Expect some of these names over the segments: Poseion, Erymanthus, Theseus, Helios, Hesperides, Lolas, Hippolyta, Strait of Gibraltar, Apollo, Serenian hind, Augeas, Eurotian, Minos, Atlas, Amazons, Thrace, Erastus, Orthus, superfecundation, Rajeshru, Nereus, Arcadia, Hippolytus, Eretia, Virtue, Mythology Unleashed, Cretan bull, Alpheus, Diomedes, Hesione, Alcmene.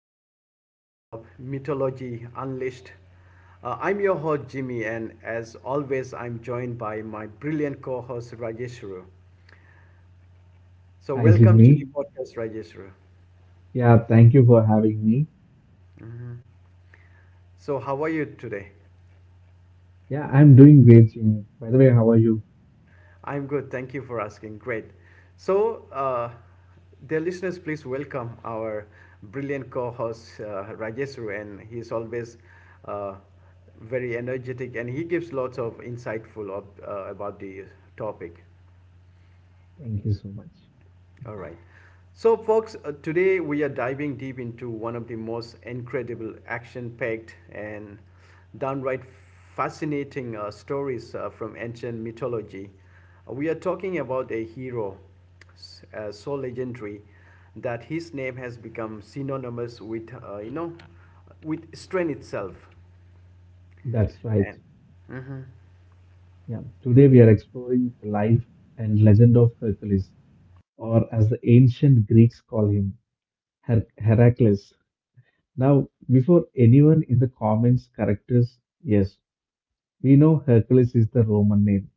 epic episode of Mythology Unleashed. I'm your host, Jimmy, and as always, I'm joined by my brilliant co host, Rajeshru. So, Hi, welcome Jimmy. to the podcast, Rajeshru. Yeah, Thank you for having me. So, how are you today? Yeah, I'm doing great, Jimmy. By the way, how are you? I'm good. Thank you for asking. Great. So, uh, Dear listeners, please welcome our brilliant co-host Rajesru, and he's always uh, very energetic, and he gives lots of insightful of, about the topic. Thank you so much. All right. So, folks, today we are diving deep into one of the most incredible, action packed, and downright fascinating stories from ancient mythology. We are talking about a hero so legendary that his name has become synonymous with, with strength itself. That's right. Yeah, Today we are exploring the life and legend of Hercules, or as the ancient Greeks call him, Heracles. Now, before anyone in the comments corrects us, yes, we know Hercules is the Roman name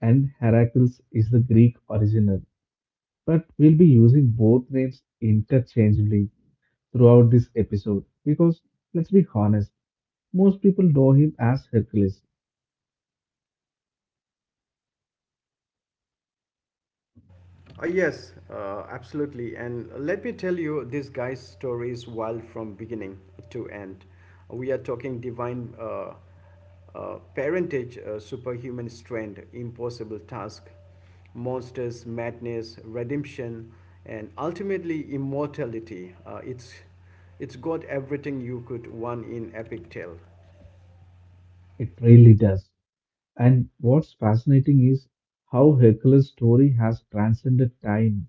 and Heracles is the Greek original, but we'll be using both names interchangeably throughout this episode because let's be honest, most people know him as Hercules. Yes, absolutely. And let me tell you, this guy's story is wild from beginning to end. We are talking divine parentage, superhuman strength, impossible task, monsters, madness, redemption, and ultimately immortality. It's got everything you could want in epic tale. It really does. And what's fascinating is how Hercules' story has transcended time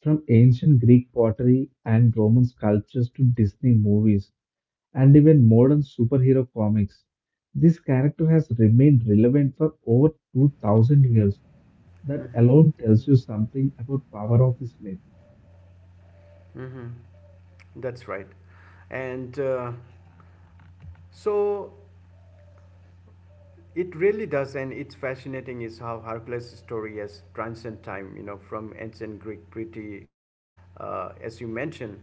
from ancient Greek pottery and Roman sculptures to Disney movies and even modern superhero comics. This character has remained relevant for over 2000 years. That Mhm, alone tells you something about power of this myth. mhm. That's right. And so, it really does, and it's fascinating is how Hercules' story has transcended time, you know, from ancient Greek pretty, as you mentioned.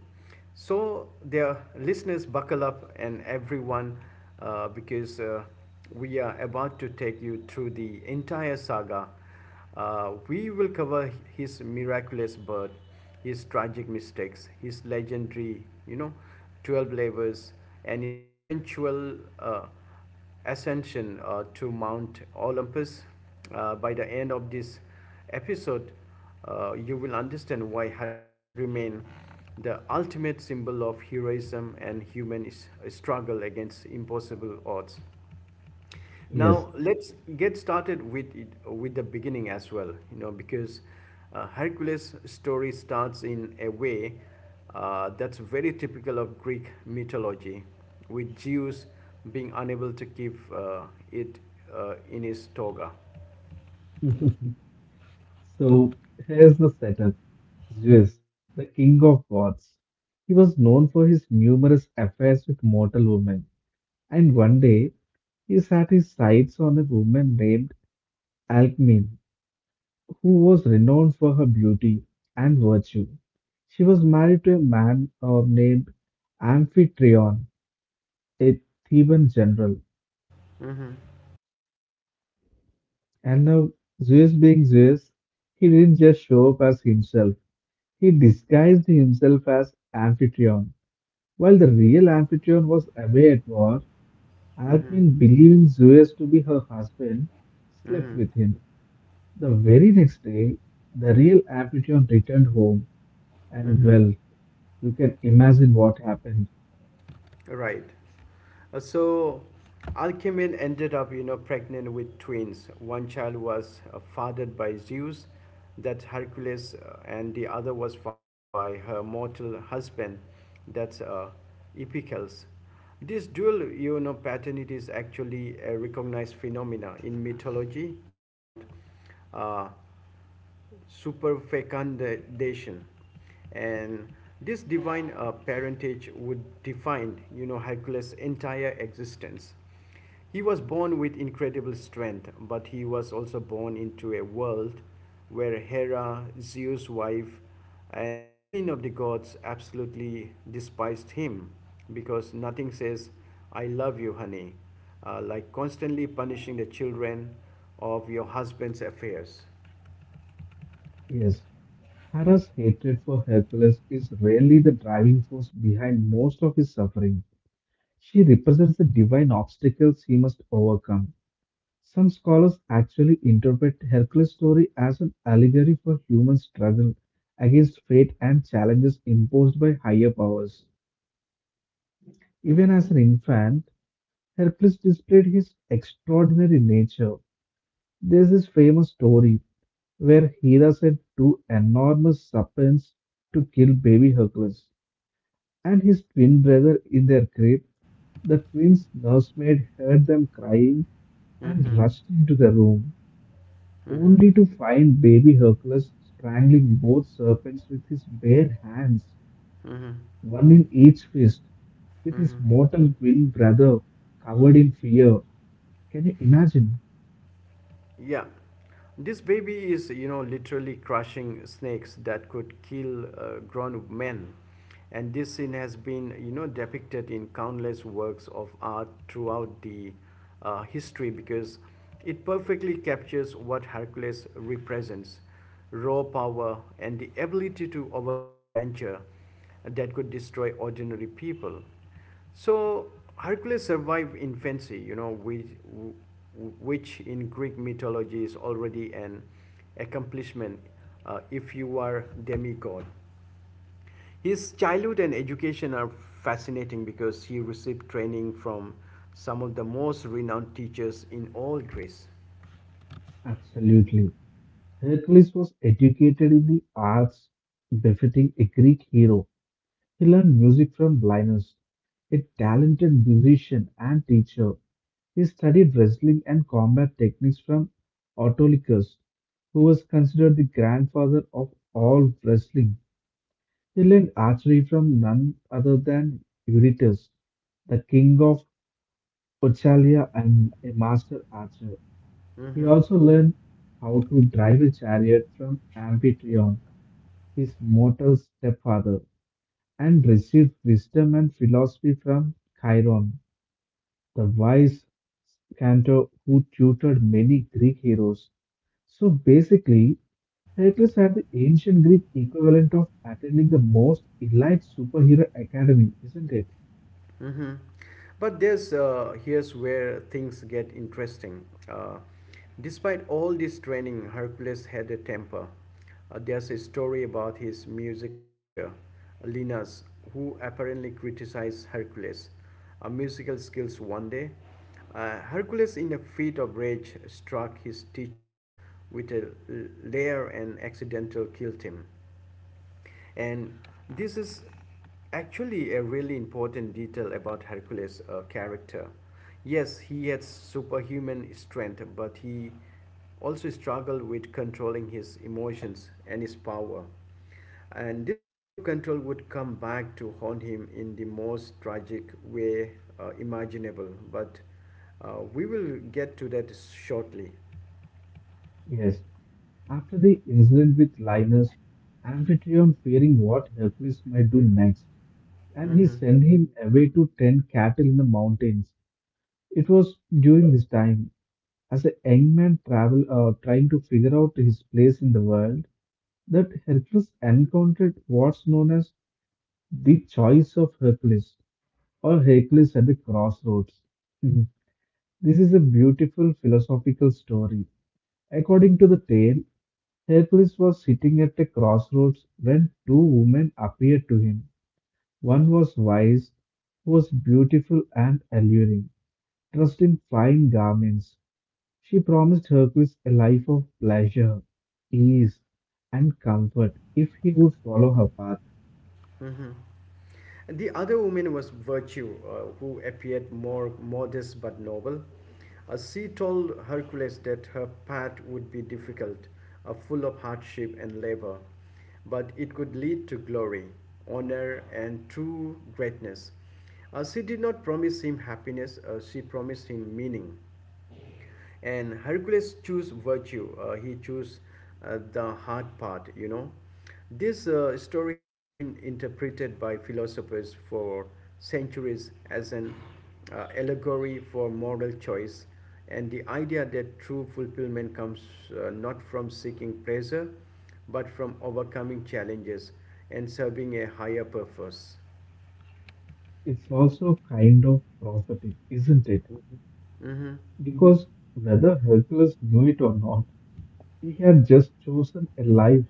So, dear listeners, buckle up, and everyone, because we are about to take you through the entire saga. We will cover his miraculous birth, his tragic mistakes, his legendary, you know, 12 labors, and his eventual ascension to Mount Olympus. By the end of this episode, you will understand why Hercules remained the ultimate symbol of heroism and human struggle against impossible odds. Now Yes. let's get started with it, with the beginning as well, you know, because Hercules' story starts in a way that's very typical of Greek mythology, with Zeus being unable to keep it in his toga. So here's the setup. Zeus, the king of gods. He was known for his numerous affairs with mortal women, and one day he set his sights on a woman named Alcmene, who was renowned for her beauty and virtue. She was married to a man named Amphitryon, a Theban general. Mm-hmm. And now, Zeus being Zeus, he didn't just show up as himself, he disguised himself as Amphitryon. While the real Amphitryon was away at war, Mm-hmm. Alcmin, believing Zeus to be her husband, slept with Mm-hmm. him. The very next day, the real Amphitryon returned home, and Mm-hmm. well, you can imagine what happened. Right. So, Alcmene ended up, you know, pregnant with twins. One child was fathered by Zeus, that's Hercules, and the other was fathered by her mortal husband, that's Epicles. This dual, you know, paternity is actually a recognized phenomena in mythology called uh, superfecundation, and this divine parentage would define, you know, Hercules' entire existence. He was born with incredible strength, but he was also born into a world where Hera, Zeus' wife and the queen of the gods, absolutely despised him, because nothing says I love you, honey, like constantly punishing the children of your husband's affairs. Yes, Hera's hatred for Hercules is really the driving force behind most of his suffering. She represents the divine obstacles he must overcome. Some scholars actually interpret Hercules' story as an allegory for human struggle against fate and challenges imposed by higher powers. Even as an infant, Hercules displayed his extraordinary nature. There's this famous story where Hera sent two enormous serpents to kill baby Hercules and his twin brother in their grip. The twins' nursemaid heard them crying and Mm-hmm. rushed into the room, Mm-hmm. only to find baby Hercules strangling both serpents with his bare hands, Mm-hmm. one in each fist, with his Mm-hmm. mortal twin brother covered in fear. Can you imagine? Yeah. This baby is, you know, literally crushing snakes that could kill grown men. And this scene has been, you know, depicted in countless works of art throughout the history, because it perfectly captures what Hercules represents: raw power and the ability to overcome danger that could destroy ordinary people. So Hercules survived infancy, you know, which in Greek mythology is already an accomplishment if you are demigod. His childhood and education are fascinating, because he received training from some of the most renowned teachers in all Greece. Absolutely. Hercules was educated in the arts, befitting a Greek hero. He learned music from Linus, a talented musician and teacher. He studied wrestling and combat techniques from Autolycus, who was considered the grandfather of all wrestling. He learned archery from none other than Eurytus, the king of Oechalia and a master archer. He also learned how to drive a chariot from Amphitryon, his mortal stepfather, and received wisdom and philosophy from Chiron, the wise Cantor who tutored many Greek heroes. So basically, Heracles had the ancient Greek equivalent of attending the most elite superhero academy, isn't it? Mm-hmm. But there's Here's where things get interesting. Despite all this training, Hercules had a temper. There's a story about his music teacher, Linus, who apparently criticized Hercules' musical skills one day. Hercules, in a fit of rage, struck his teacher with a lyre and accidentally killed him. And this is actually a really important detail about Hercules' character. Yes, he had superhuman strength, but he also struggled with controlling his emotions and his power. And this lack of control would come back to haunt him in the most tragic way imaginable. But we will get to that shortly. Yes. After the incident with Linus, Amphitryon fearing what Hercules might do next, and he Mhm. sent him away to tend cattle in the mountains. It was during this time, as a young man travel trying to figure out his place in the world, that Hercules encountered what's known as the choice of Hercules, or Hercules at the crossroads. Mhm. This is a beautiful philosophical story. According to the tale, Hercules was sitting at a crossroads when two women appeared to him. One was wise, who was beautiful and alluring, dressed in fine garments. She promised Hercules a life of pleasure, ease, and comfort if he would follow her path. The other woman was Virtue, who appeared more modest but noble. She told Hercules that her path would be difficult, full of hardship and labor, but it could lead to glory, honor, and true greatness. She did not promise him happiness, she promised him meaning. And Hercules chose virtue. He chose the hard part, you know. This story has been interpreted by philosophers for centuries as an allegory for moral choice and the idea that true fulfillment comes not from seeking pleasure, but from overcoming challenges and serving a higher purpose. It's also kind of prophetic, isn't it? Mm-hmm, Because whether Hercules knew it or not, he had just chosen a life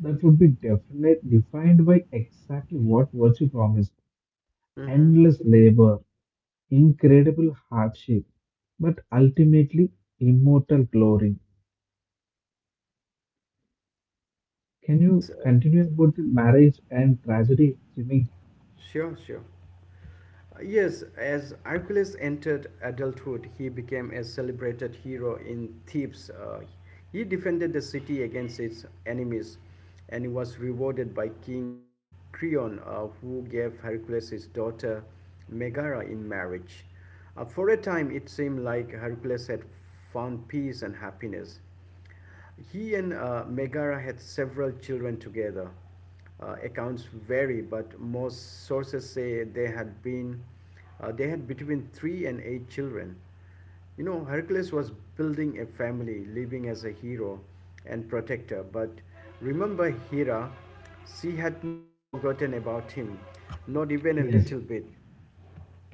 that would be defined by exactly what virtue promised: mm-hmm. endless labor, incredible hardship, but ultimately immortal glory. Can yes you uh, continue about the marriage and tragedy, Jimmy? sure sure Yes, as Hercules entered adulthood, he became a celebrated hero in Thebes. He defended the city against its enemies, and he was rewarded by King Creon, who gave Hercules his daughter Megara in marriage. For a time, it seemed like Hercules had found peace and happiness. He and Megara had several children together. Accounts vary, but most sources say they had between three and eight children. You know, Hercules was building a family, living as a hero and protector. But remember Hera, she had not forgotten about him, not even a Yes. little bit.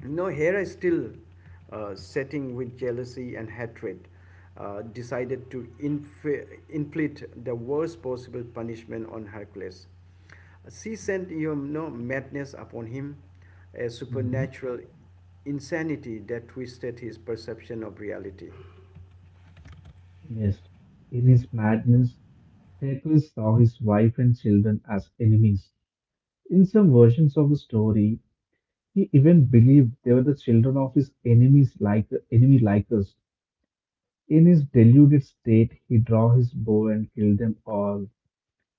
You know, Hera is still setting with jealousy and hatred, decided to inflict the worst possible punishment on Hercules. She sent, you know, madness upon him, a Mhm. supernatural insanity that twisted his perception of reality. Yes. In his madness, Hercules saw his wife and children as enemies. In some versions of the story, he even believed they were the children of his enemies like enemy Lycus. In his deluded state, he draw his bow and kill them all,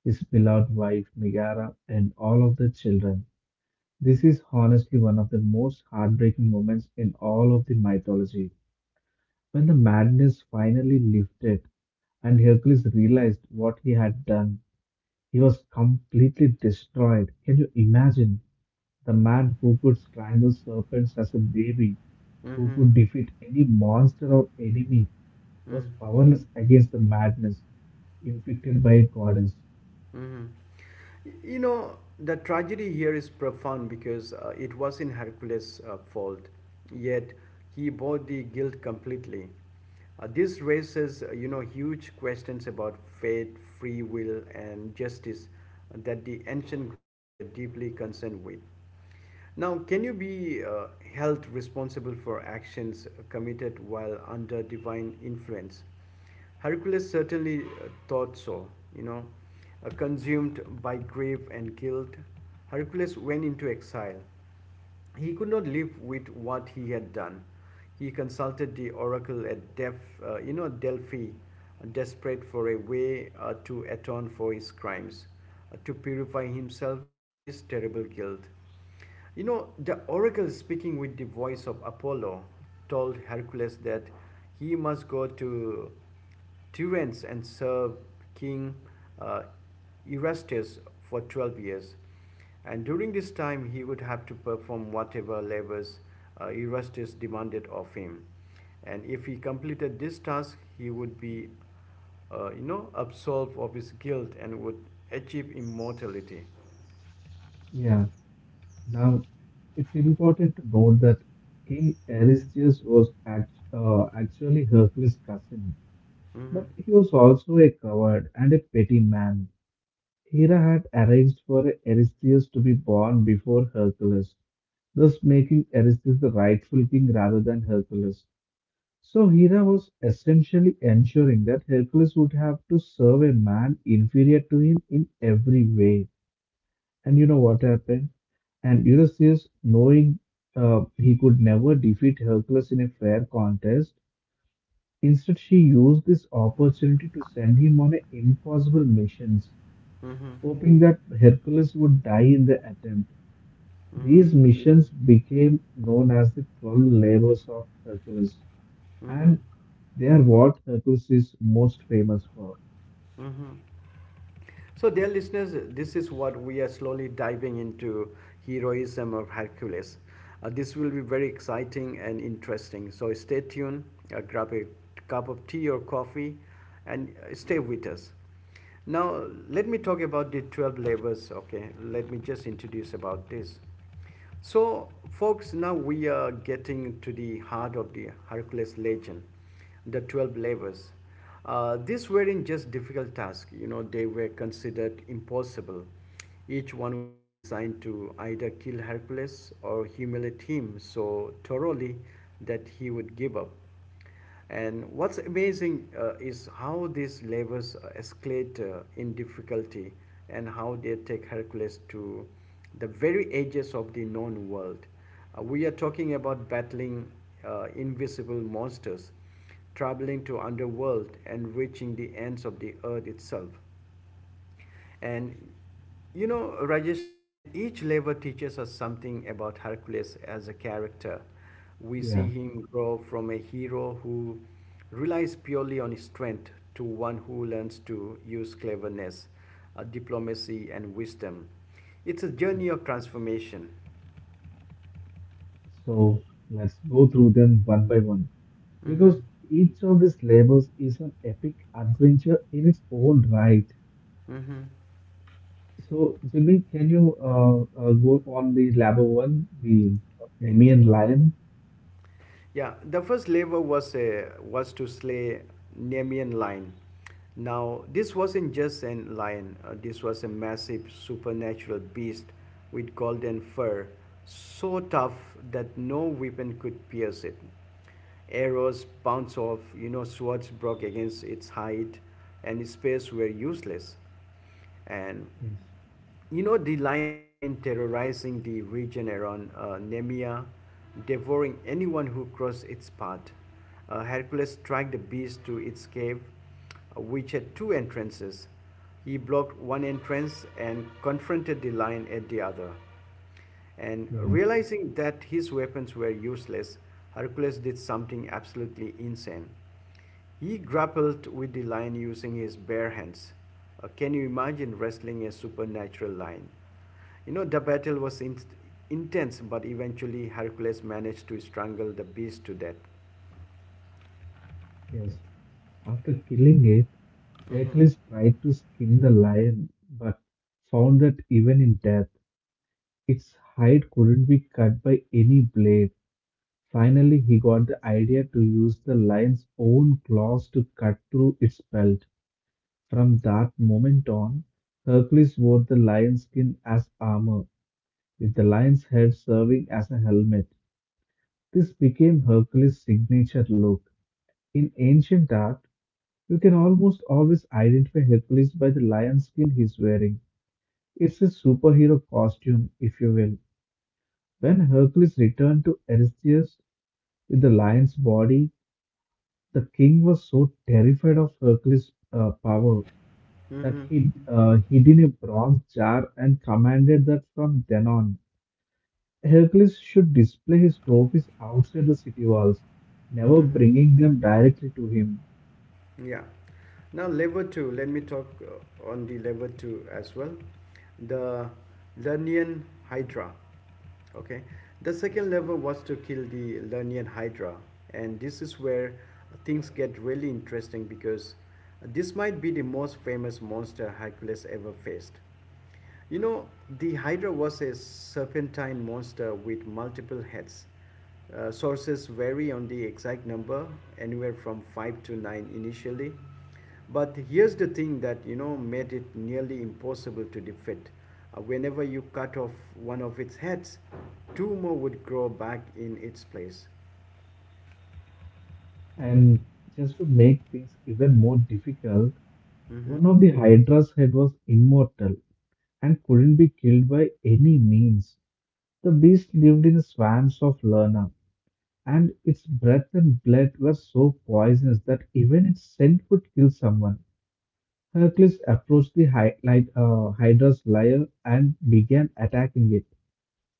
his beloved wife Megara and all of the children. This is honestly one of the most heartbreaking moments in all of the mythology. When the madness finally lifted and Hercules realized what he had done, he was completely destroyed. Can you imagine? The man who could strangle serpents as a baby, who Mm-hmm. could defeat any monster or enemy, was powerless against the madness inflicted by a goddess. Mm-hmm. You know, the tragedy here is profound, because it was in Hercules' fault, yet he bore the guilt completely. This raises, huge questions about fate, free will, and justice that the ancient Greeks were deeply concerned with. Now, can you be held responsible for actions committed while under divine influence? Hercules certainly thought so, you know. Consumed by grief and guilt, Hercules went into exile. He could not live with what he had done. He consulted the oracle at Def, Delphi, desperate for a way to atone for his crimes, to purify himself of this terrible guilt. You know, the oracle, speaking with the voice of Apollo, told Hercules that he must go to Terence and served King uh, Erastus for 12 years. And during this time, he would have to perform whatever labors Erastus demanded of him. And if he completed this task, he would be, absolved of his guilt and would achieve immortality. Yeah, now it's important to note that King mm Aristeus was actually Hercules' cousin, Mm-hmm. but he was also a coward and a petty man. Hera had arranged for Aristeus to be born before Hercules, thus making Aristeus the rightful king rather than Hercules. So Hera was essentially ensuring that Hercules would have to serve a man inferior to him in every way. And you know what happened? And Ulysses, knowing he could never defeat Hercules in a fair contest, instead she used this opportunity to send him on a impossible missions, Mm-hmm. hoping that Hercules would die in the attempt. Mm-hmm. These missions became known as the 12 labors of Hercules, Mm-hmm. and they are what Hercules is most famous for. Mm-hmm. So, dear listeners, this is what we are slowly diving into: heroism of Hercules. This will be very exciting and interesting. So, stay tuned, grab a cup of tea or coffee, and stay with us. Now, let me talk about the 12 labors. Okay, let me just introduce about this. So, folks, now we are getting to the heart of the Hercules legend, the 12 labors. These weren't just difficult tasks, you know, they were considered impossible. Each one was designed to either kill Hercules or humiliate him so thoroughly that he would give up. And what's amazing is how these labors escalate in difficulty and how they take Hercules to the very edges of the known world. We are talking about battling invisible monsters, traveling to underworld and reaching the ends of the earth itself. And you know, Rajeshru, and each level teaches us something about Hercules as a character. We see Yeah. him grow from a hero who relies purely on his strength to one who learns to use cleverness, diplomacy, and wisdom. It's a Yeah. journey of transformation. So let's go through them one by one Mm-hmm. because each of these labels is an epic adventure in its own right. Mm-hmm. So Jimmy, can you go on the label one, the Okay. Nemean Awesome. lion? Yeah, the first labor was to slay Nemean lion. Now this wasn't just a lion; this was a massive supernatural beast with golden fur, so tough that no weapon could pierce it. Arrows bounced off, you know, swords broke against its hide, and its spears were useless. And Yes. you know, the lion had been terrorizing the region around Nemea, devouring anyone who crossed its path. Hercules dragged the beast to its cave, which had two entrances. He blocked one entrance and confronted the lion at the other. And Yeah. realizing that his weapons were useless, Hercules did something absolutely insane. He grappled with the lion using his bare hands. Can you imagine wrestling a supernatural lion? You know, the battle was intense, but eventually Hercules managed to strangle the beast to death. Yes. After killing it, Mhm. Hercules tried to skin the lion, but found that even in death, its hide couldn't be cut by any blade. Finally, he got the idea to use the lion's own claws to cut through its belt. From that moment on, Hercules wore the lion's skin as armor, with the lion's head serving as a helmet. This became Hercules' signature look. In ancient art, you can almost always identify Hercules by the lion skin he's wearing. It's his superhero costume, if you will. When Hercules returned to Eurystheus with the lion's body, the king was so terrified of Hercules' power that Mm-hmm. he hid in a bronze jar and commanded that from then on, Hercules should display his trophies outside the city walls, never Mm-hmm. bringing them directly to him. Yeah. Now level 2, let me talk on the level 2 as well. The Lernian Hydra. Okay. The second level was to kill the Lernian Hydra, and this is where things get really interesting, because this might be the most famous monster Hercules ever faced. You know, the Hydra was a serpentine monster with multiple heads. Sources vary on the exact number, anywhere from 5 to 9 initially. But here's the thing that, you know, made it nearly impossible to defeat. Whenever you cut off one of its heads, two more would grow back in its place. And just to make things even more difficult, one of the Hydra's head was immortal and couldn't be killed by any means. The beast lived in the swamps of Lerna, and its breath and blood were so poisonous that even its scent could kill someone. Hercules approached the Hydra's lair and began attacking it,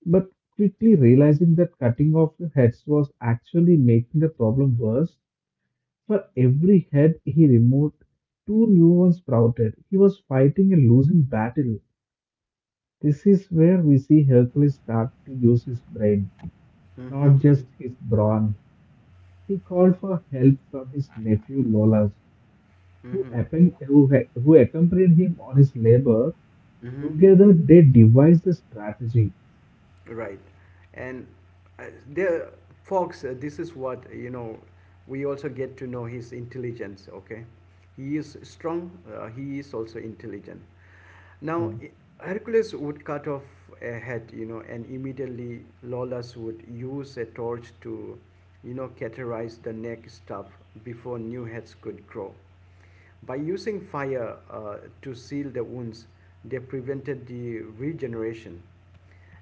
but quickly realizing that cutting off the heads was actually making the problem worse. For every head he removed, two new ones sprouted. He was fighting a losing battle. This is where we see Hercules start to use his brain, Mm-hmm. not just his brawn. He called for help from his nephew Lolas, who, Mm-hmm. appen- who, ha- who accompanied him on his labor. Mm-hmm. Together, they devised a strategy. Right. And there, Fox, this is what we also get to know his intelligence, okay? He is strong, he is also intelligent. Yeah, Now, Hercules would cut off a head, and immediately Lawless would use a torch to, cauterize the neck stuff before new heads could grow. By using fire to seal the wounds, they prevented the regeneration.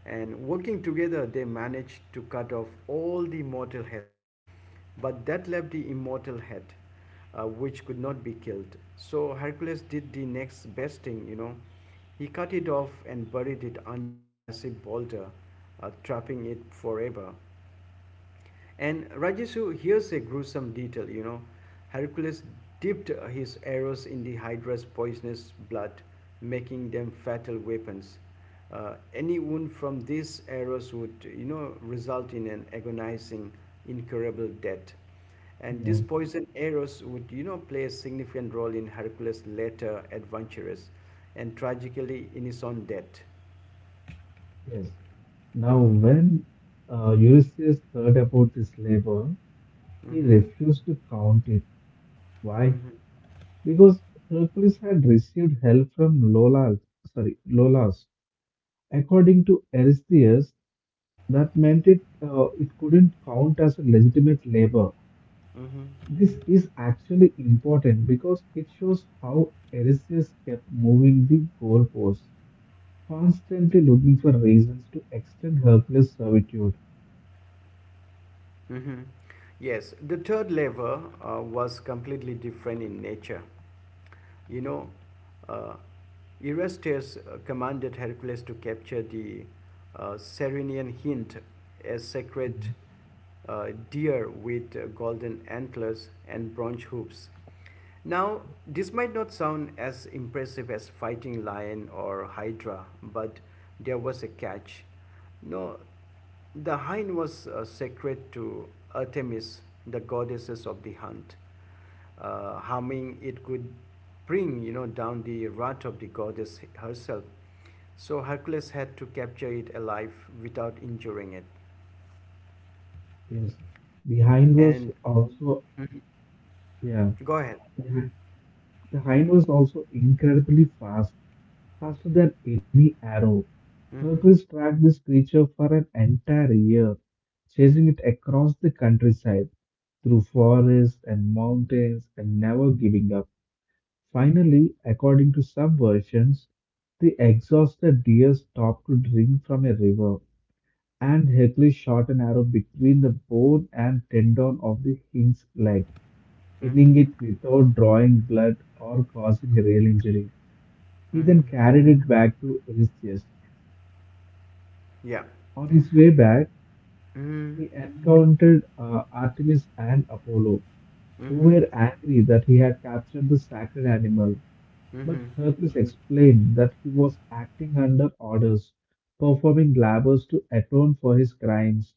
And working together, they managed to cut off all the mortal heads. But that left the immortal head, which could not be killed. So Hercules did the next best thing. He cut it off and buried it under a massive boulder, trapping it forever. And Rajesu, hears a gruesome detail. Hercules dipped his arrows in the Hydra's poisonous blood, making them fatal weapons. Any wound from these arrows would, result in an agonizing, incurable death. And yeah, these poison arrows would, play a significant role in Hercules' later adventures and tragically in his own death. yes. Now, Mm-hmm. when Ulysses heard about this labor, he Mm-hmm. refused to count it. Why? Mm-hmm. Because Hercules had received help from Lolas. Sorry, Lolas. According to Eurystheus, that meant it couldn't count as a legitimate labor. Mm-hmm. This is actually important because it shows how Aristides kept moving the goalposts, constantly looking for reasons to extend Hercules' servitude. hmm Yes, the third lever was completely different in nature. You know, uh, Eurystheus commanded Hercules to capture the Serenian hind, a sacred Mhm. Deer with golden antlers and bronze hooves. Now, this might not sound as impressive as fighting lion or hydra, but there was a catch. No, the hind was sacred to Artemis, the goddesses of the hunt. Harming it could bring, down the wrath of the goddess herself. So Hercules had to capture it alive without injuring it. Yes, the hind And was also yeah, go ahead. the hind, the hind was also incredibly fast, faster than any arrow. Mm-hmm, Hercules tracked this creature for an entire year, chasing it across the countryside, through forests and mountains, and never giving up. Finally, according to some versions, the exhausted deer stopped to drink from a river, and Hercules shot an arrow between the bone and tendon of the hind's leg, mm-hmm, pinning it without drawing blood or causing a real injury. He then mm-hmm. carried it back to Eurystheus. Yeah. On his way back, Mm-hmm, he encountered Artemis and Apollo, who mm-hmm, were angry that he had captured the sacred animal. But mm-hmm, Hercules explained that he was acting under orders, performing labors to atone for his crimes.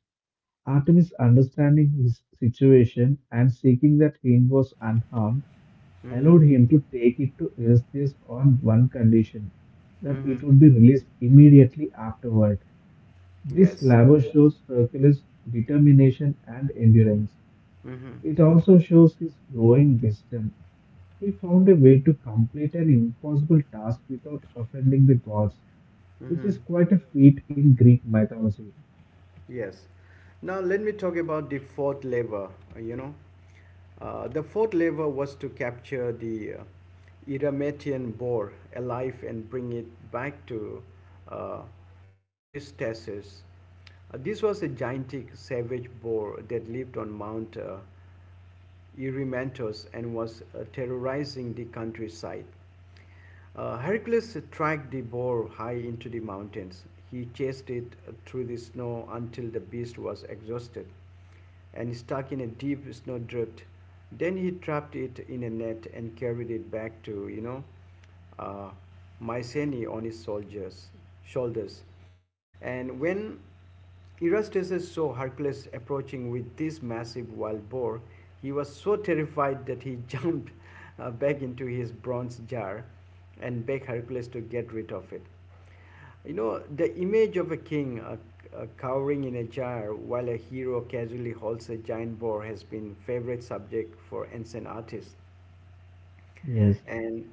Artemis, understanding his situation and seeking that Hind was unharmed, mm-hmm, allowed him to take it to Eurystheus on one condition that mm-hmm. it would be released immediately afterward. This Yes. labor shows Hercules' determination and endurance. Mm-hmm, mm-hmm, It also shows his growing wisdom: he found a way to complete an impossible task without offending the gods, which mm-hmm. is quite a feat in Greek mythology. Yes. Now let me talk about the fourth lever. You know, the fourth lever was to capture the Erametian boar alive and bring it back to uh, Eristasis. This was a gigantic savage boar that lived on Mount Erymanthus and was terrorizing the countryside. Hercules tracked the boar high into the mountains. He chased it through the snow until the beast was exhausted and stuck in a deep snowdrift. Then he trapped it in a net and carried it back to, uh, Mycenae on his soldiers, shoulders. And when Erastus saw Hercules approaching with this massive wild boar. He was so terrified that he jumped back into his bronze jar and begged Hercules to get rid of it. You know, the image of a king cowering in a jar while a hero casually holds a giant boar has been a favorite subject for ancient artists. Yes, And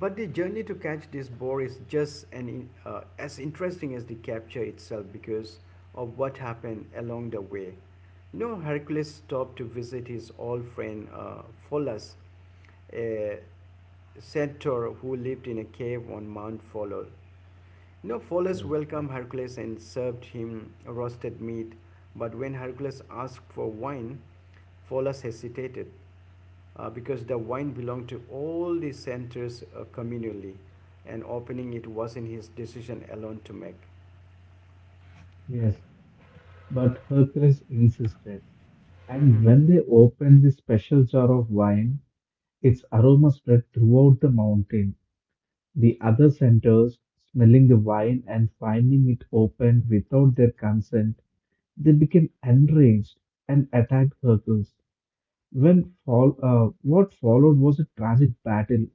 but the journey to catch this boar is just an, as interesting as the capture itself because of what happened along the way. You know, Hercules stopped to visit his old friend Pholus, a centaur who lived in a cave on Mount Pholus. Now Pholus yes, welcomed Hercules and served him roasted meat, but when Hercules asked for wine, Pholus hesitated because the wine belonged to all the centers communally, and opening it was in his decision alone to make. yes. But Hercules insisted, Mm-hmm. and when they opened the special jar of wine, its aroma spread throughout the mountain. The other centers, smelling the wine and finding it opened without their consent, they became enraged and attacked Hercules. What followed was a tragic battle.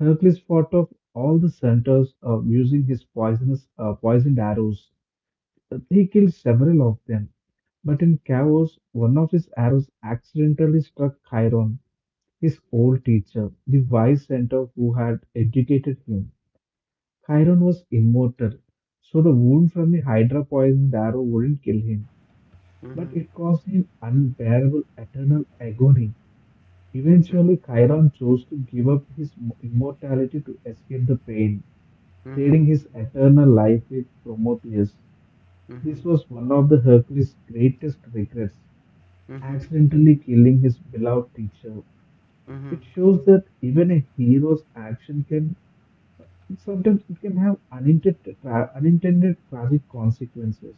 Hercules fought off all the centers using his poisonous poisoned arrows. He killed several of them, but in chaos, one of his arrows accidentally struck Chiron, his old teacher, the wise centaur who had educated him. Chiron was immortal, so the wound from the Hydra poisoned arrow wouldn't kill him, but it caused him unbearable eternal agony. Eventually, Chiron chose to give up his immortality to escape the pain, Mm-hmm. trading his eternal life with Prometheus. Mm-hmm. This was one of the Hercules' greatest regrets, Mm-hmm. accidentally killing his beloved teacher. Mm-hmm. It shows that even a hero's action can sometimes it can have unintended tragic consequences.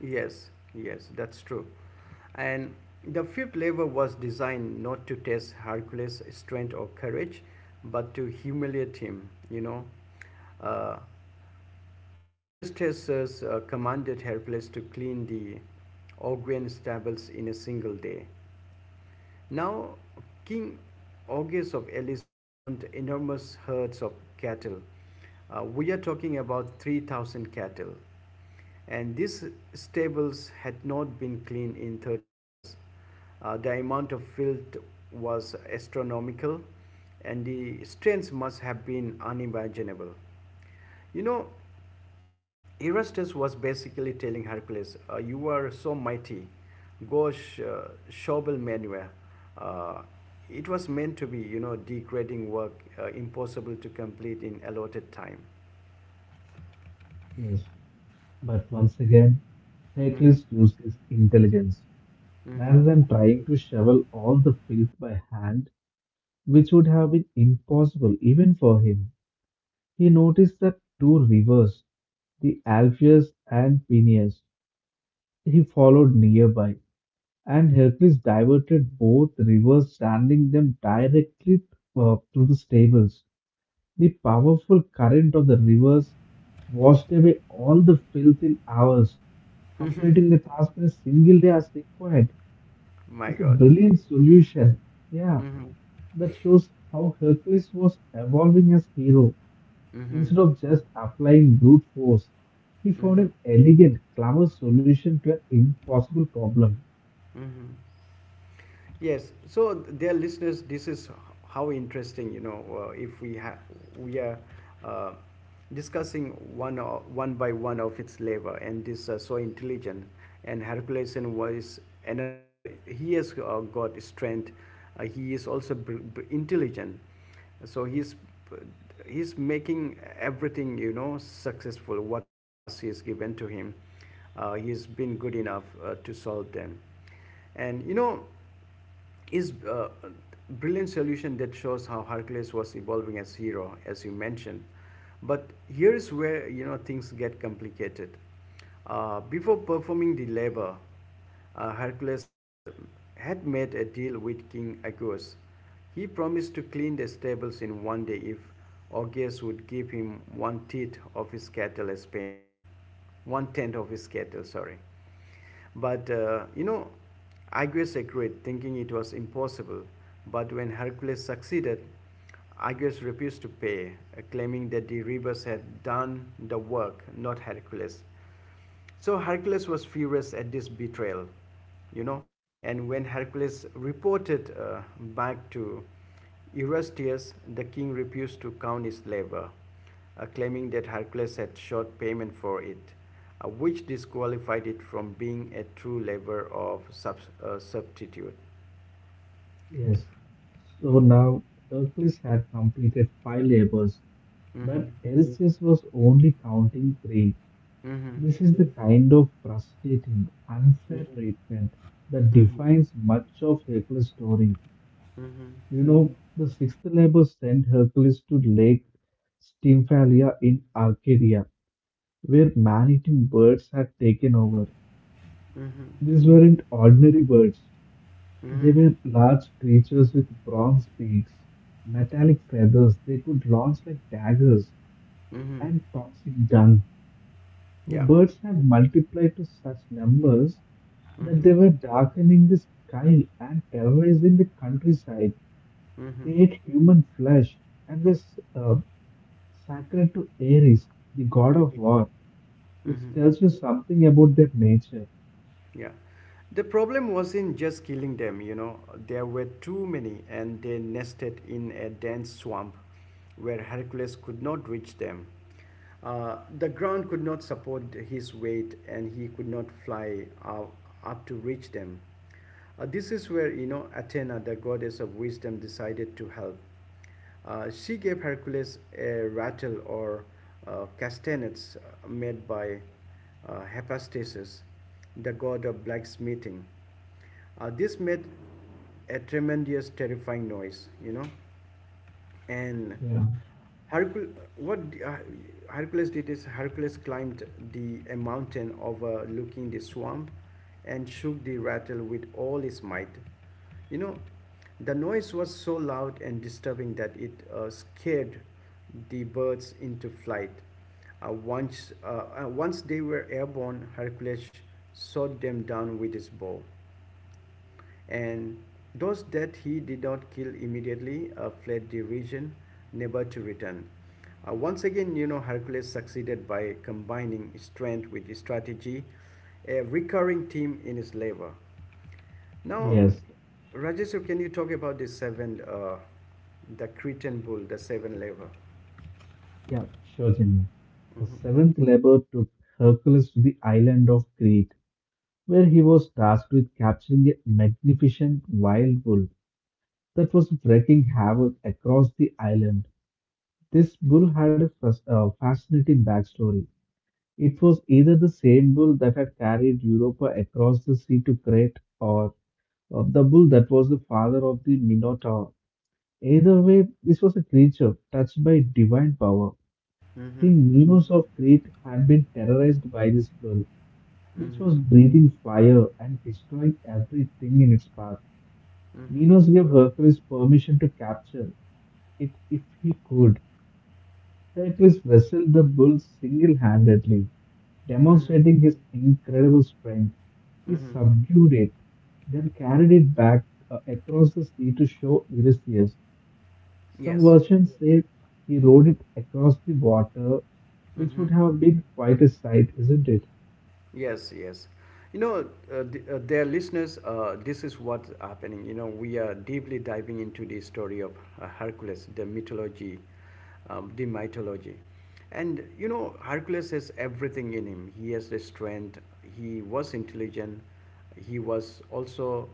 Yes, yes, that's true. And the fifth lever was designed not to test Hercules' strength or courage, but to humiliate him. Uh, Aristaeus commanded Hercules to clean the Augean stables in a single day. Now, King Augeas of Elis owned enormous herds of cattle. We are talking about 3,000 cattle and these stables had not been cleaned in 30 years. The amount of filth was astronomical, and the strains must have been unimaginable. You know, Erastus was basically telling Hercules, you are so mighty, go shovel manure. Uh, it was meant to be, degrading work, impossible to complete in allotted time. Yes, but once again, Hercules used his intelligence rather than trying to shovel all the filth by hand, which would have been impossible even for him. He noticed that two rivers, the Alpheus and Peneus, he followed nearby, and Hercules diverted both rivers, sending them directly to the stables. The powerful current of the rivers washed away all the filth in hours, Mhm. completing the task in a single day as required. My It's a God. brilliant solution. Yeah, Mm-hmm. that shows how Hercules was evolving as hero. Mm-hmm. Instead of just applying brute force, he found Mm-hmm. an elegant, clever solution to an impossible problem. Mm-hmm. Yes. So, dear listeners, this is how interesting, if we have we are uh, discussing one one by one of its labor, and this so intelligent. And Herculesen was energy. He has got strength. He is also intelligent. So he's making everything successful. Whatever task is given to him, he has been good enough to solve them. And is a brilliant solution that shows how Hercules was evolving as hero, as you mentioned. But here is where things get complicated. Before performing the labor, Hercules had made a deal with King Agus. He promised to clean the stables in one day if Augeas would give him one tenth of his cattle as payment. One tenth of his cattle, sorry. But Aegeus agreed, thinking it was impossible. But when Hercules succeeded, Aegeus refused to pay, claiming that the rivers had done the work, not Hercules. So Hercules was furious at this betrayal, you know. And when Hercules reported back to Eurystheus, the king refused to count his labor, claiming that Hercules had short payment for it, which disqualified it from being a true labor of substitute. Yes. So now Hercules had completed five labors, Mm-hmm. but Eurystheus was only counting three. Mm-hmm. This is the kind of frustrating, unfair treatment that Mhm. defines much of Hercules' story. Mm-hmm. Mm-hmm. You know, the sixth labor sent Hercules to Lake Stymphalia in Arcadia, where man-eating birds had taken over. Mm-hmm. These weren't ordinary birds. Mm-hmm. They were large creatures with bronze beaks, metallic feathers they could launch like daggers, Mm-hmm. and toxic dung. The Yeah. birds had multiplied to such numbers that Mm-hmm. they were darkening the sky and terrorizing the countryside. Mm-hmm. They ate human flesh and were uh, sacred to Ares, the god of Mhm. war, which Mm-hmm. tells you something about their nature. Yeah. The problem wasn't just killing them, there were too many and they nested in a dense swamp where Hercules could not reach them. The ground could not support his weight and he could not fly out, up to reach them. This is where, Athena, the goddess of wisdom, decided to help. She gave Hercules a rattle or castanets made by Hephaestus, the god of blacksmithing. This made a tremendous, terrifying noise, and Yeah. Hercul- what uh, Hercules did is Hercules climbed the a mountain overlooking the swamp and shook the rattle with all his might. You know, the noise was so loud and disturbing that it scared the birds into flight. Once once they were airborne, Hercules shot them down with his bow and those that he did not kill immediately fled the region, never to return. Once again, Hercules succeeded by combining strength with strategy, a recurring theme in his labor. Now, Yes, Rajesh, can you talk about the seven, the Cretan bull, the seven labor? yeah, sure, Jimmy. The seventh labor took Hercules to the island of Crete, where he was tasked with capturing a magnificent wild bull that was wreaking havoc across the island. This bull had a fascinating backstory. It was either the same bull that had carried Europa across the sea to Crete, or the bull that was the father of the Minotaur. Either way, this was a creature touched by divine power. Mm-hmm. King Minos of Crete had been terrorized by this bull, which Mm-hmm. was breathing fire and destroying everything in its path. Mm-hmm. Minos gave Hercules permission to capture it if he could. Hercules wrestled the bull single handedly, Mm-hmm. demonstrating his incredible strength. He Mm-hmm. subdued it, then carried it back across the sea to show Eurystheus. Some Yes. versions say he rode it across the water, which Mm-hmm. would have been quite a sight, isn't it? Yes, yes. You know, dear listeners, this is what's happening. You know, we are deeply diving into the story of Hercules, the mythology, the mythology. And, Hercules has everything in him. He has the strength, he was intelligent, he was also,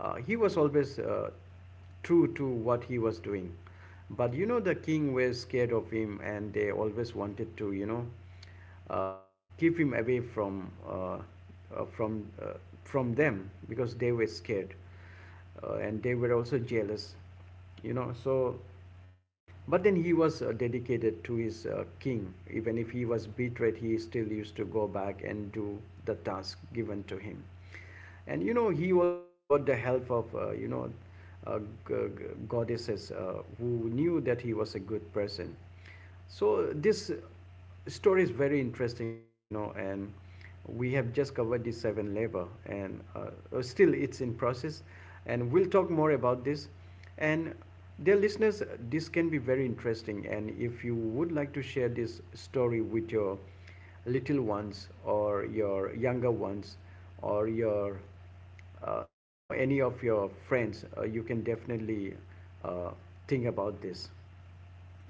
he was always true to what he was doing. But, the king was scared of him and they always wanted to, uh, keep him away uh, from uh, from them because they were scared, and they were also jealous, you know so but then he was dedicated to his king. Even if he was betrayed, he still used to go back and do the task given to him. And he also got the help of uh, goddesses who knew that he was a good person. So this story is very interesting now, and we have just covered the seven labor, and still it's in process, and we'll talk more about this. And dear listeners, this can be very interesting, and if you would like to share this story with your little ones or your younger ones or your, any of your friends, you can definitely uh, think about this.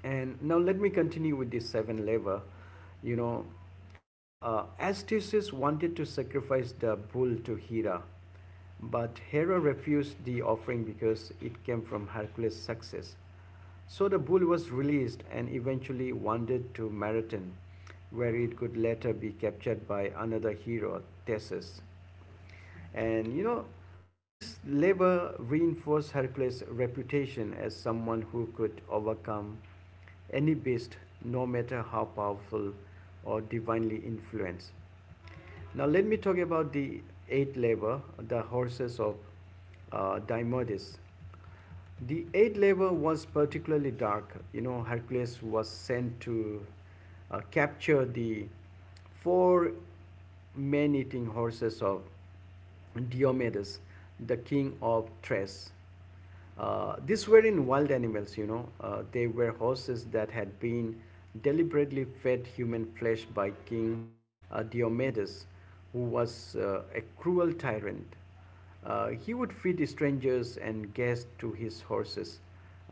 And now let me continue with this seven lever. you know Astyages wanted to sacrifice the bull to Hera, but Hera refused the offering because it came from Hercules' success. So the bull was released and eventually wandered to Marathon, where it could later be captured by another hero, Theseus. And this labor reinforced Hercules' reputation as someone who could overcome any beast, no matter how powerful or divinely influenced. Now, let me talk about the eighth labor, the horses of Diomedes. The aid labor was particularly dark. Hercules was sent to capture the four-man eating horses of Diomedes, the king of Thrace. These were in wild animals, they were horses that had been deliberately fed human flesh by King Diomedes, who was a cruel tyrant. He would feed strangers and guests to his horses,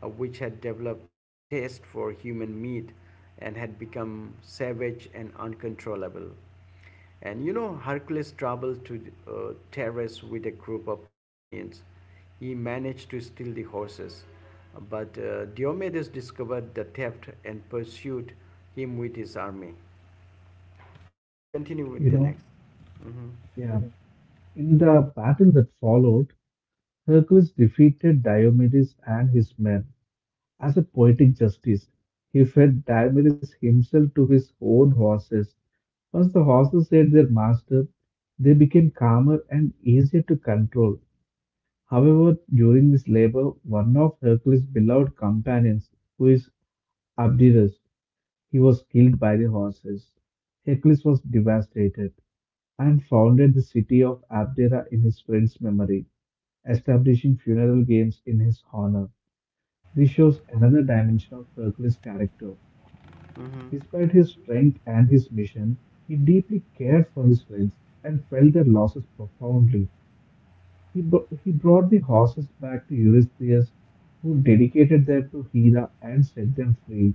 which had developed a taste for human meat and had become savage and uncontrollable. And Hercules traveled to uh, Terrace with a group of companions. He managed to steal the horses, but Diomedes discovered the theft and pursued him with his army. Can you continue with You the know, next? yeah. In the battle that followed, Hercules defeated Diomedes and his men. As a poetic justice, he fed Diomedes himself to his own horses. Once the horses ate their master, they became calmer and easier to control. However, during this labor, one of Hercules' beloved companions, who is Abderus, he was killed by the horses. Hercules was devastated and founded the city of Abdera in his friend's memory, establishing funeral games in his honor. This shows another dimension of Hercules' character. Despite his strength and his mission, he deeply cared for his friends and felt their losses profoundly. He brought the horses back to Eurystheus, who dedicated them to Hera and set them free.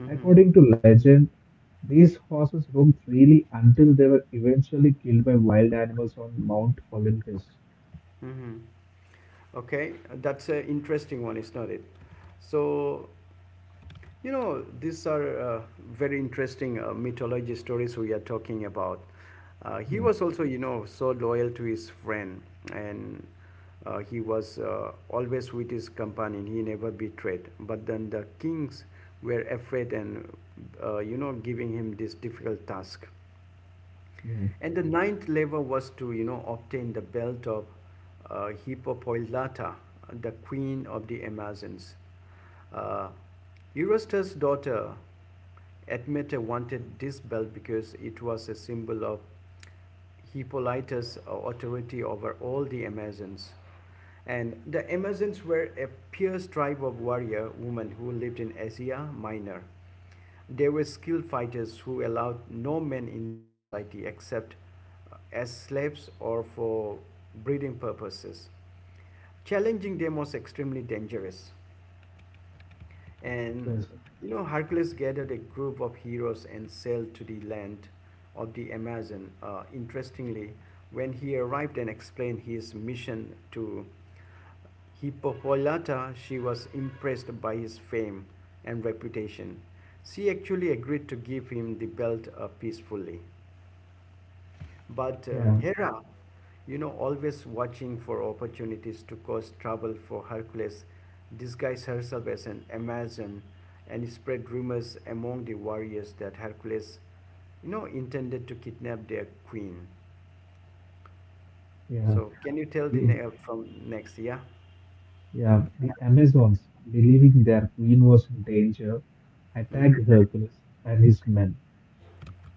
Mm-hmm. According to legend, these horses roamed freely until they were eventually killed by wild animals on Mount Olympus. Mm-hmm. Okay, that's an interesting one, is not it? So you know these are very interesting mythology stories we are talking about. He Yeah, was also, you know, so loyal to his friend. And he was always with his companion. He never betrayed, but then the kings were afraid, and giving him this difficult task. yeah, And the ninth level was to, obtain the belt of Hippopoylata, the queen of the Amazons. Uh, Eurystheus' daughter Admete wanted this belt because it was a symbol of Hippolytus' authority over all the Amazons. And the Amazons were a fierce tribe of warrior women who lived in Asia Minor. They were skilled fighters who allowed no men in their society except as slaves or for breeding purposes. Challenging them was extremely dangerous. And yes, Hercules gathered a group of heroes and sailed to the land of the Amazon. Interestingly, when he arrived and explained his mission to Hippolyta, she was impressed by his fame and reputation. She actually agreed to give him the belt peacefully. But yeah, Hera, always watching for opportunities to cause trouble for Hercules, disguised herself as an Amazon and spread rumors among the warriors that Hercules, intended to kidnap their queen. yeah, So, can you tell the the, from next? Yeah. yeah. the Amazons, believing their queen was in danger, attacked Mhm. Hercules and his men.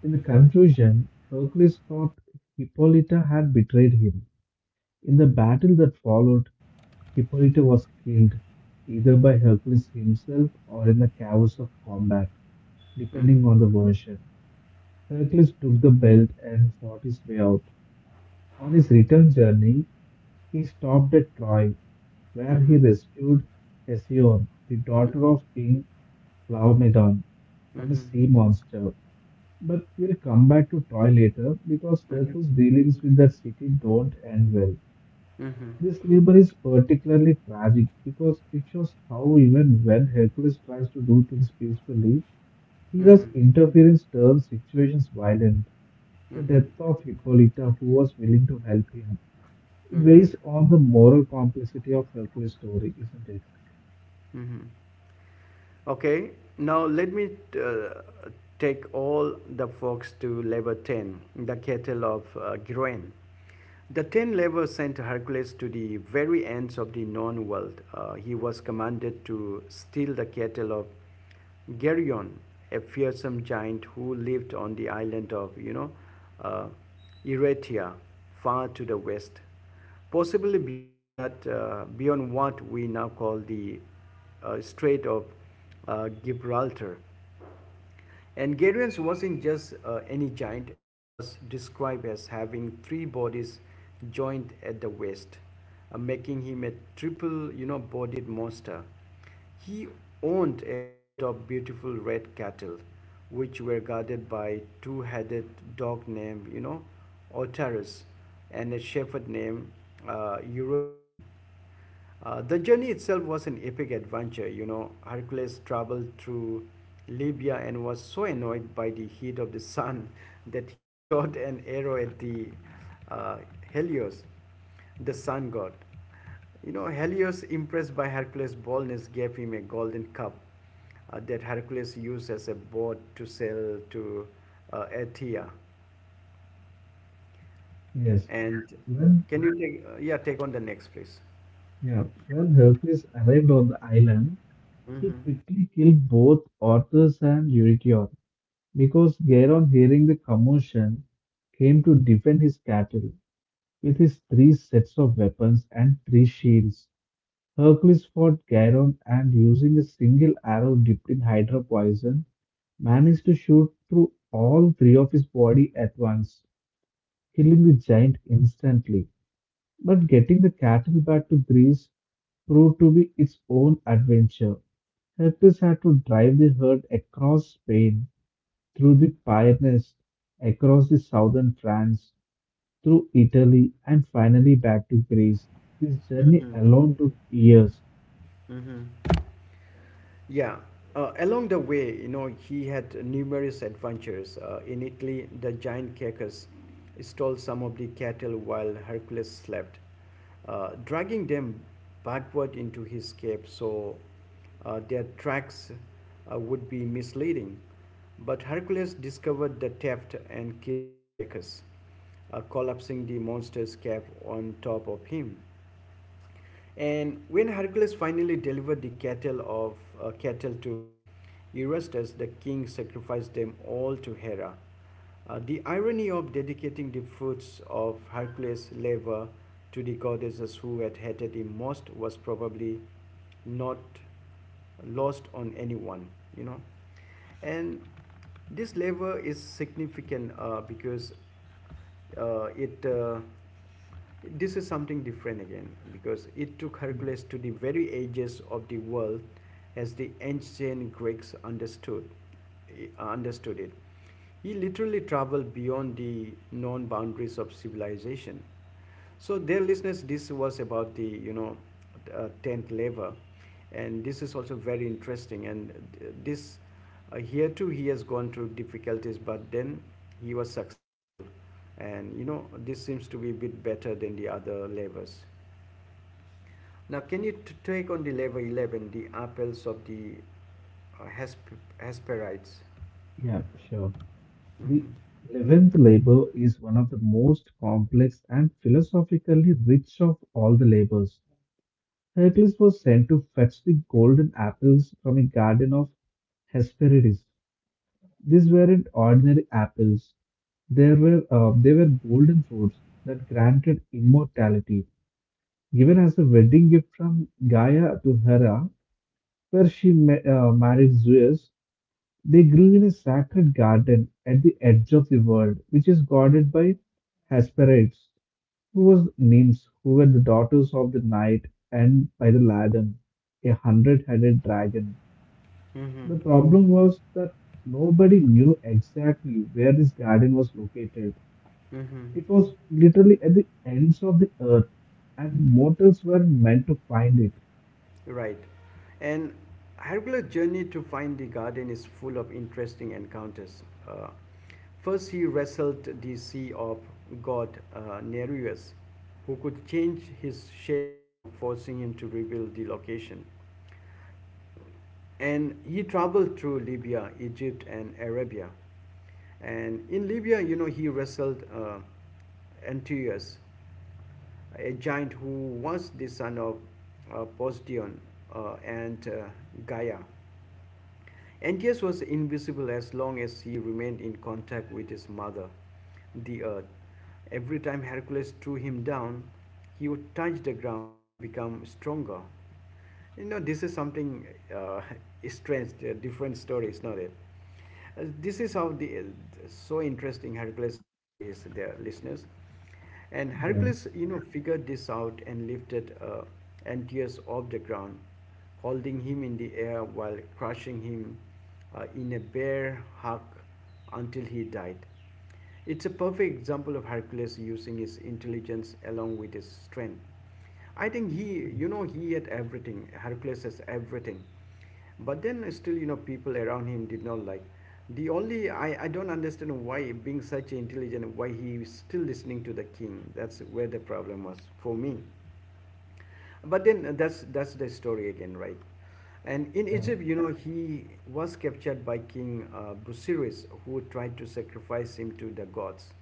In the confusion, Hercules thought Hippolyta had betrayed him. In the battle that followed, Hippolyta was killed, either by Hercules himself or in the chaos of combat, Mhm. depending on the version. Hercules took the belt and fought his way out. On his return journey, he stopped at Troy, where he Mhm. rescued Hesione, the daughter of King Laomedon, from a Mhm. sea monster. But we'll come back to Troy later because Mhm. Mhm. Hercules' dealings with that city don't end well. Mhm. This labor is particularly tragic because it shows how even when Hercules tries to do things peacefully, Hera's Mhm. interference turns situations violent. Mhm. The Mhm. death of Hippolyta, who was willing to help him, it Mhm. weighs on the moral complexity of Hercules' story, isn't it? Mhm. Okay, now let me uh, take all the folks to lever 10, the kettle of grain. The 10 laborers sent Hercules to the very ends of the known world. He was commanded to steal the kettle of Geryon, a fearsome giant who lived on the island of, uh, Eretia, far to the west, possibly beyond that, beyond what we now call the Strait of Gibraltar. And Garius wasn't just any giant. He was described as having three bodies joined at the waist, making him a triple, bodied monster. He owned a herd of beautiful red cattle, which were guarded by a two-headed dog named, Otarus, and a shepherd named Eurotian. The journey itself was an epic adventure. You know, Hercules traveled through Libya and was so annoyed by the heat of the sun that he shot an arrow at the uh, Helios, the sun god. You know, Helios, impressed by Hercules' boldness, gave him a golden cup that Hercules used as a boat to sail to Athia. Yes. And When can you take, yeah, take on the next, please. yeah, when Hercules arrived on the island, he Mm-hmm. quickly killed both Orthus and Eurytion because Geron, hearing the commotion, came to defend his cattle with his three sets of weapons and three shields. Hercules fought Chiron and, using a single arrow dipped in hydra poison, managed to shoot through all three of his body at once, killing the giant instantly. But getting the cattle back to Greece proved to be its own adventure. Hercules had to drive the herd across Spain, through the Pyrenees, across the southern France, through Italy, and finally back to Greece. This journey Mm-hmm. alone took years. Mm-hmm. Yeah. Along the way, you know, he had numerous adventures. In Italy, the giant Cacus stole some of the cattle while Hercules slept, dragging them backward into his cave, so their tracks would be misleading. But Hercules discovered the theft and killed Cacus, collapsing the monster's cave on top of him. And when Hercules finally delivered the cattle to Eurystheus, the king sacrificed them all to Hera. The irony of dedicating the fruits of Hercules' labor to the goddesses who had hated him most was probably not lost on anyone, you know. And this labor is significant because it this is something different again, because it took Yeah. Hercules to the very edges of the world as the ancient Greeks understood it. He literally traveled beyond the known boundaries of civilization. So, dear listeners, this was about the 10th lever, and this is also very interesting. And this here too, he has gone through difficulties, but then he was successful, and you know this seems to be a bit better than the other levers. Now, can you take on the lever 11, the apples of the Hesperides? Yeah, sure. The 11th labor is one of the most complex and philosophically rich of all the labors. Hercules was sent to fetch the golden apples from a garden of Hesperides. These weren't ordinary apples. They were golden fruits that granted immortality, given as a wedding gift from Gaia to Hera, where she married Zeus. They grew in a sacred garden at the edge of the world, which is guarded by Hesperides, who was nymphs who were the daughters of the night, and by the Ladon, a hundred-headed dragon. Mm-hmm. The problem was that nobody knew exactly where this garden was located. Mm-hmm. It was literally at the ends of the earth, and mortals were meant to find it. Right. And Hercules' journey to find the garden is full of interesting encounters. First, he wrestled the sea of god Nereus, who could change his shape, you know, forcing him to reveal the location, and he traveled through Libya, Egypt, and Arabia. And in Libya, you know, he wrestled Antiochus, a giant who was the son of Poseion and Gaia. Antaeus was invisible as long as he remained in contact with his mother, the earth. Every time Hercules threw him down, he would touch the ground and become stronger. You know, this is something uh, strange, a different story, is not it? This is how the so interesting Hercules story is there, listeners. And Yeah. Hercules, you know, figured this out and lifted Antaeus off the ground, holding him in the air while crushing him in a bear hug until he died. It's a perfect example of Hercules using his intelligence along with his strength. I think he had everything. Hercules has everything. But then still, you know, people around him did not like. The only, I don't understand why being such intelligent, why he is still listening to the king. That's where the problem was for me. But then that's the story again, right? And in Yeah. Egypt, you know, he was captured by King Busiris, who tried to sacrifice him to the gods.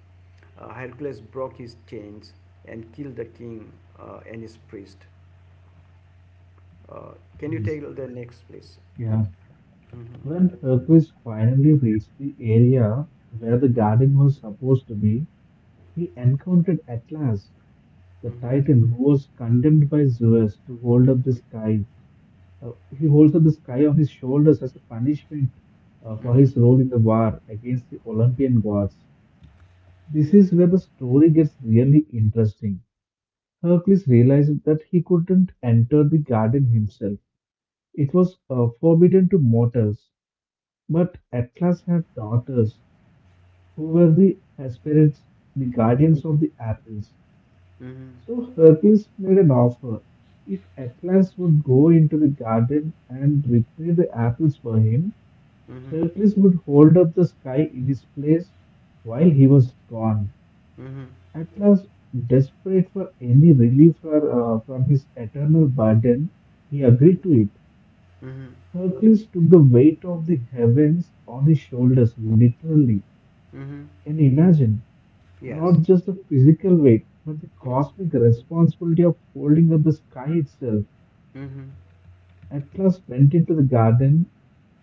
Hercules broke his chains and killed the king and his priest. Uh, can you Yes. take the next, please? Yeah. Mm-hmm. When Hercules finally reached the area where the garden was supposed to be, he encountered Atlas, the Mm-hmm. titan who was condemned by Zeus to hold up the sky. He holds up the sky on his shoulders as a punishment for Mm-hmm. his role in the war against the Olympian gods. This is where the story gets really interesting. Hercules realized that he couldn't enter the garden himself. It was forbidden to mortals, but Atlas had daughters who were the Hesperids, the guardians of the apples. Mm-hmm. So Hercules made an offer. If Atlas would go into the garden and retrieve the apples for him, Mm-hmm. Hercules would hold up the sky in his place while he was gone. Mm-hmm. Atlas, desperate for any relief from his eternal burden, he agreed to it. Mm-hmm. Hercules took the weight of the heavens on his shoulders, literally. Mm-hmm. Can you imagine? Yes. Not just the physical weight, but the Mm-hmm. cosmic responsibility of holding up the sky itself. Mm-hmm. Atlas went into the garden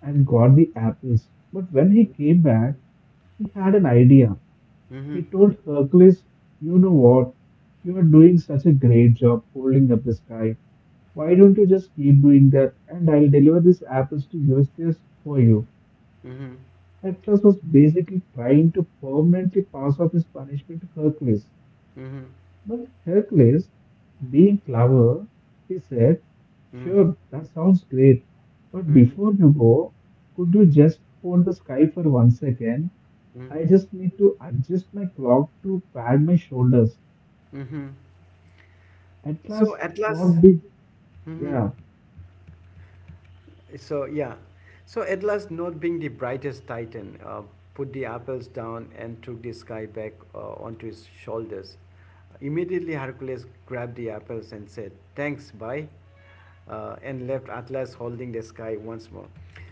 and got the apples. But when he came back, he had an idea. He Mhm. told Hercules, "You know what? You are doing such a great job holding up the sky. Why don't you just keep doing that and I'll deliver these apples to Eurystheus for you?" Mhm. Atlas was basically trying to permanently pass off his punishment to Hercules. Mhm. But Hercules, being clever, he said, Mhm. "Sure, that sounds great, but Mhm. before you go, could you just hold the sky for 1 second? Mhm. I just need to adjust my clock to pad my shoulders." Mhm. At So last, at last, not big. mhm. Yeah. So yeah, so Atlas, not being the brightest titan, put the apples down and took the sky back onto his shoulders. Immediately, Hercules grabbed the apples and said, "Thanks, bye," and left Atlas holding the sky once more.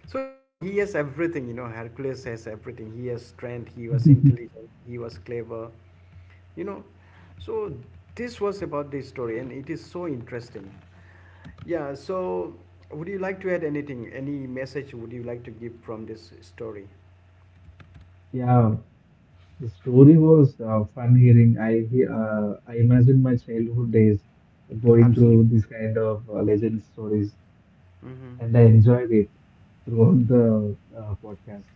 So you know he has everything. You know Hercules has everything. He has strength. He was intelligent. He was clever. You know, so this was about the story, and it is so interesting. Yeah, so would you like to add anything? Any message would you like to give from this story? Yeah, the story was fun hearing. I imagine my childhood days going Absolutely. through this kind of legend stories, Hmm. and I enjoyed it throughout the podcast.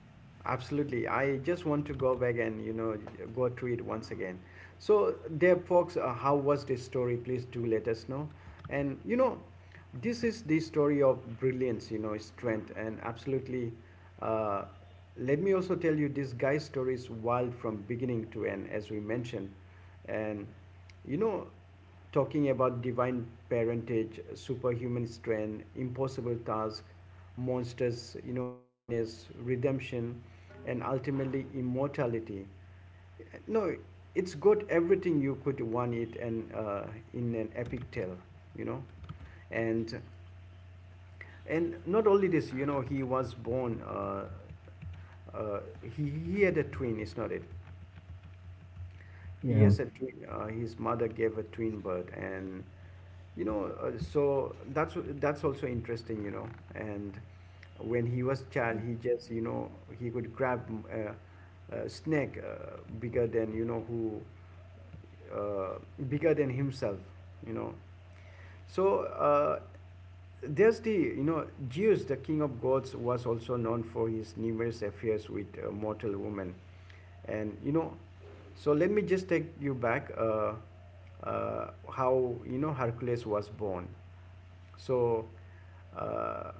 Absolutely. I just want to go back and, you know, go through it once again. So, there, folks, how was this story? Please do let us know. And, you know, this is the story of brilliance, you know, strength, and absolutely. Uh, Let me also tell you this guy's story is wild from beginning to end, as we mentioned. And you know, talking about divine parentage, superhuman strength, impossible task, monsters, you know, madness, redemption, and ultimately immortality. No, it's got everything you could want it, and in an epic tale, you know. And not only this, you know, he was born. Uh, he had a twin. It's not it. He Yeah, has a twin. His mother gave a twin birth, and you know, so that's also interesting, you know. And when he was child, he just, you know, he could grab a snake bigger than, you know, who, uh, bigger than himself, you know, so there's the, you know, Zeus, the king of gods, was also known for his numerous affairs with mortal women, and, you know, so let me just take you back. How you know Hercules was born. So, uh,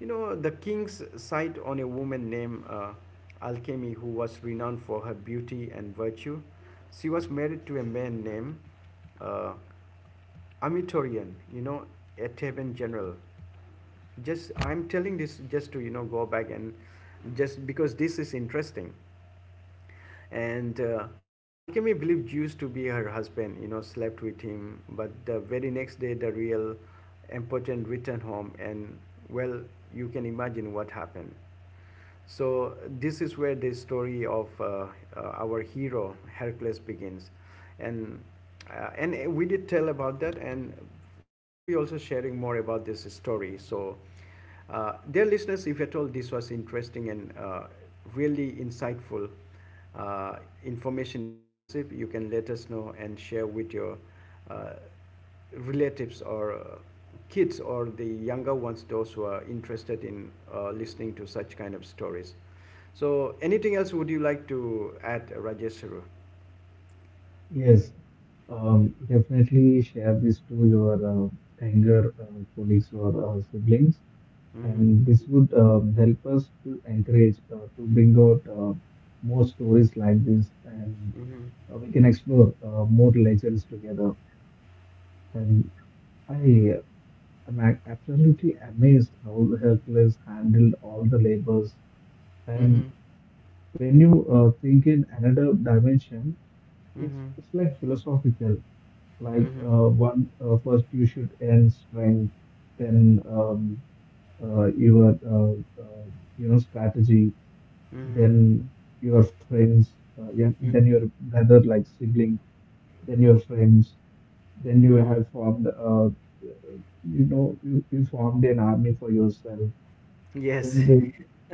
you know the king's sight on a woman named Alchemy, who was renowned for her beauty and virtue. She was married to a man named uh, I you know, a Taban general. Just I'm telling this just to, you know, go back, and just because this is interesting. And Alchemy believed Zeus to be her husband, you know, slept with him. But the very next day, the real impotent returned home, and well, you can imagine what happened. So, this is where the story of our hero Hercules begins. And, and we did tell about that, and we will be also sharing more about this story. So, dear listeners, if at all this was interesting, and really insightful, uh, information you have received, you can let us know and share with your uh, relatives, or kids, or the younger ones, those who are interested in listening to such kind of stories. So, anything else would you like to add, Rajesharu? yes, definitely share this to your anger colleagues or siblings, Mm-hmm. and this would help us to encourage to bring out more stories like this, and Mm-hmm. We can explore more legends together. And I am absolutely amazed how Hercules handled all the labors. Mm-hmm. And when you think in another dimension, it's Mm-hmm. it's like philosophical. Like one first you should earn strength, then uh, your uh, uh, you know, strategy, Mm-hmm. then your friends, yeah, then Mm-hmm. your brother like sibling, then your friends, then you Mm-hmm. have formed you know, you formed an army for yourself. Yes. Then there,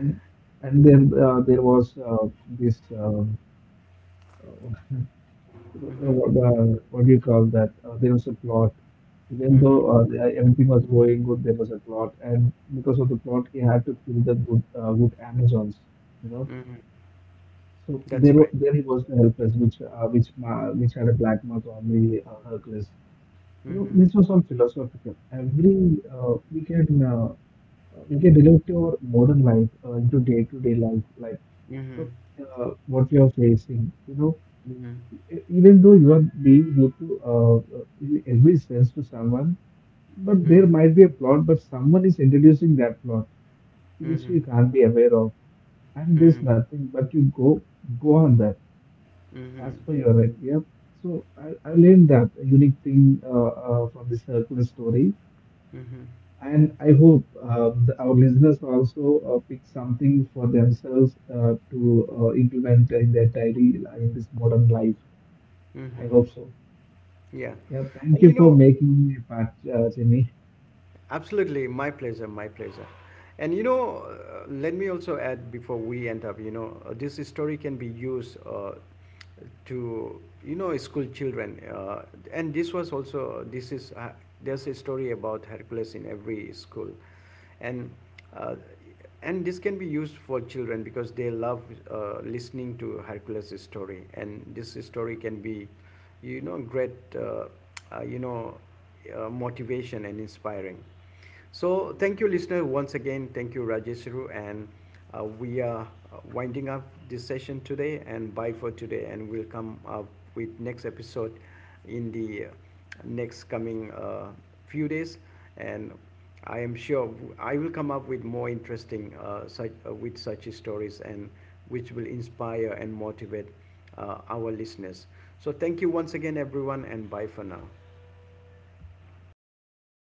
and and then there was this. Uh, Mm-hmm. What do you call that? There was a plot. Even Mm-hmm. though everything was going good, there was a plot, and because of the plot, he had to kill the good, good Amazons. You know, Mm-hmm. so there, That's right. there he was the helpless, which had a black mark on the Hercules. You know, Mhm. this was all philosophical. Every we can relate to our modern life, into day-to-day life, like Mhm. What we are facing. You know, Mhm. even though you are being good to in every sense to someone, but there Mhm. might be a plot, but someone is introducing that plot which you Mhm. can't be aware of, and there's Mhm. nothing but you go go on that as Mhm. per your idea. So I learned that unique thing from the circular story, Mhm. and I hope our listeners also pick something for themselves to implement in their daily in this modern life. I Mhm. hope so. Yeah. Yeah, thank And you you for know, making me a part, Jimmy. absolutely, my pleasure, my pleasure. And you know, let me also add before we end up, you know, this story can be used to, you know, school children. And this was also, this is, there's a story about Hercules in every school. And uh, and this can be used for children, because they love listening to Hercules' story, and this story can be, you know, great, you know, motivation and inspiring. So thank you, listener, once again. Thank you, Rajeshru, and we are winding up this session today, and bye for today, and we'll come up with next episode in the next coming few days, and I am sure I will come up with more interesting such with such stories, and which will inspire and motivate our listeners. So thank you once again, everyone, and bye for now. So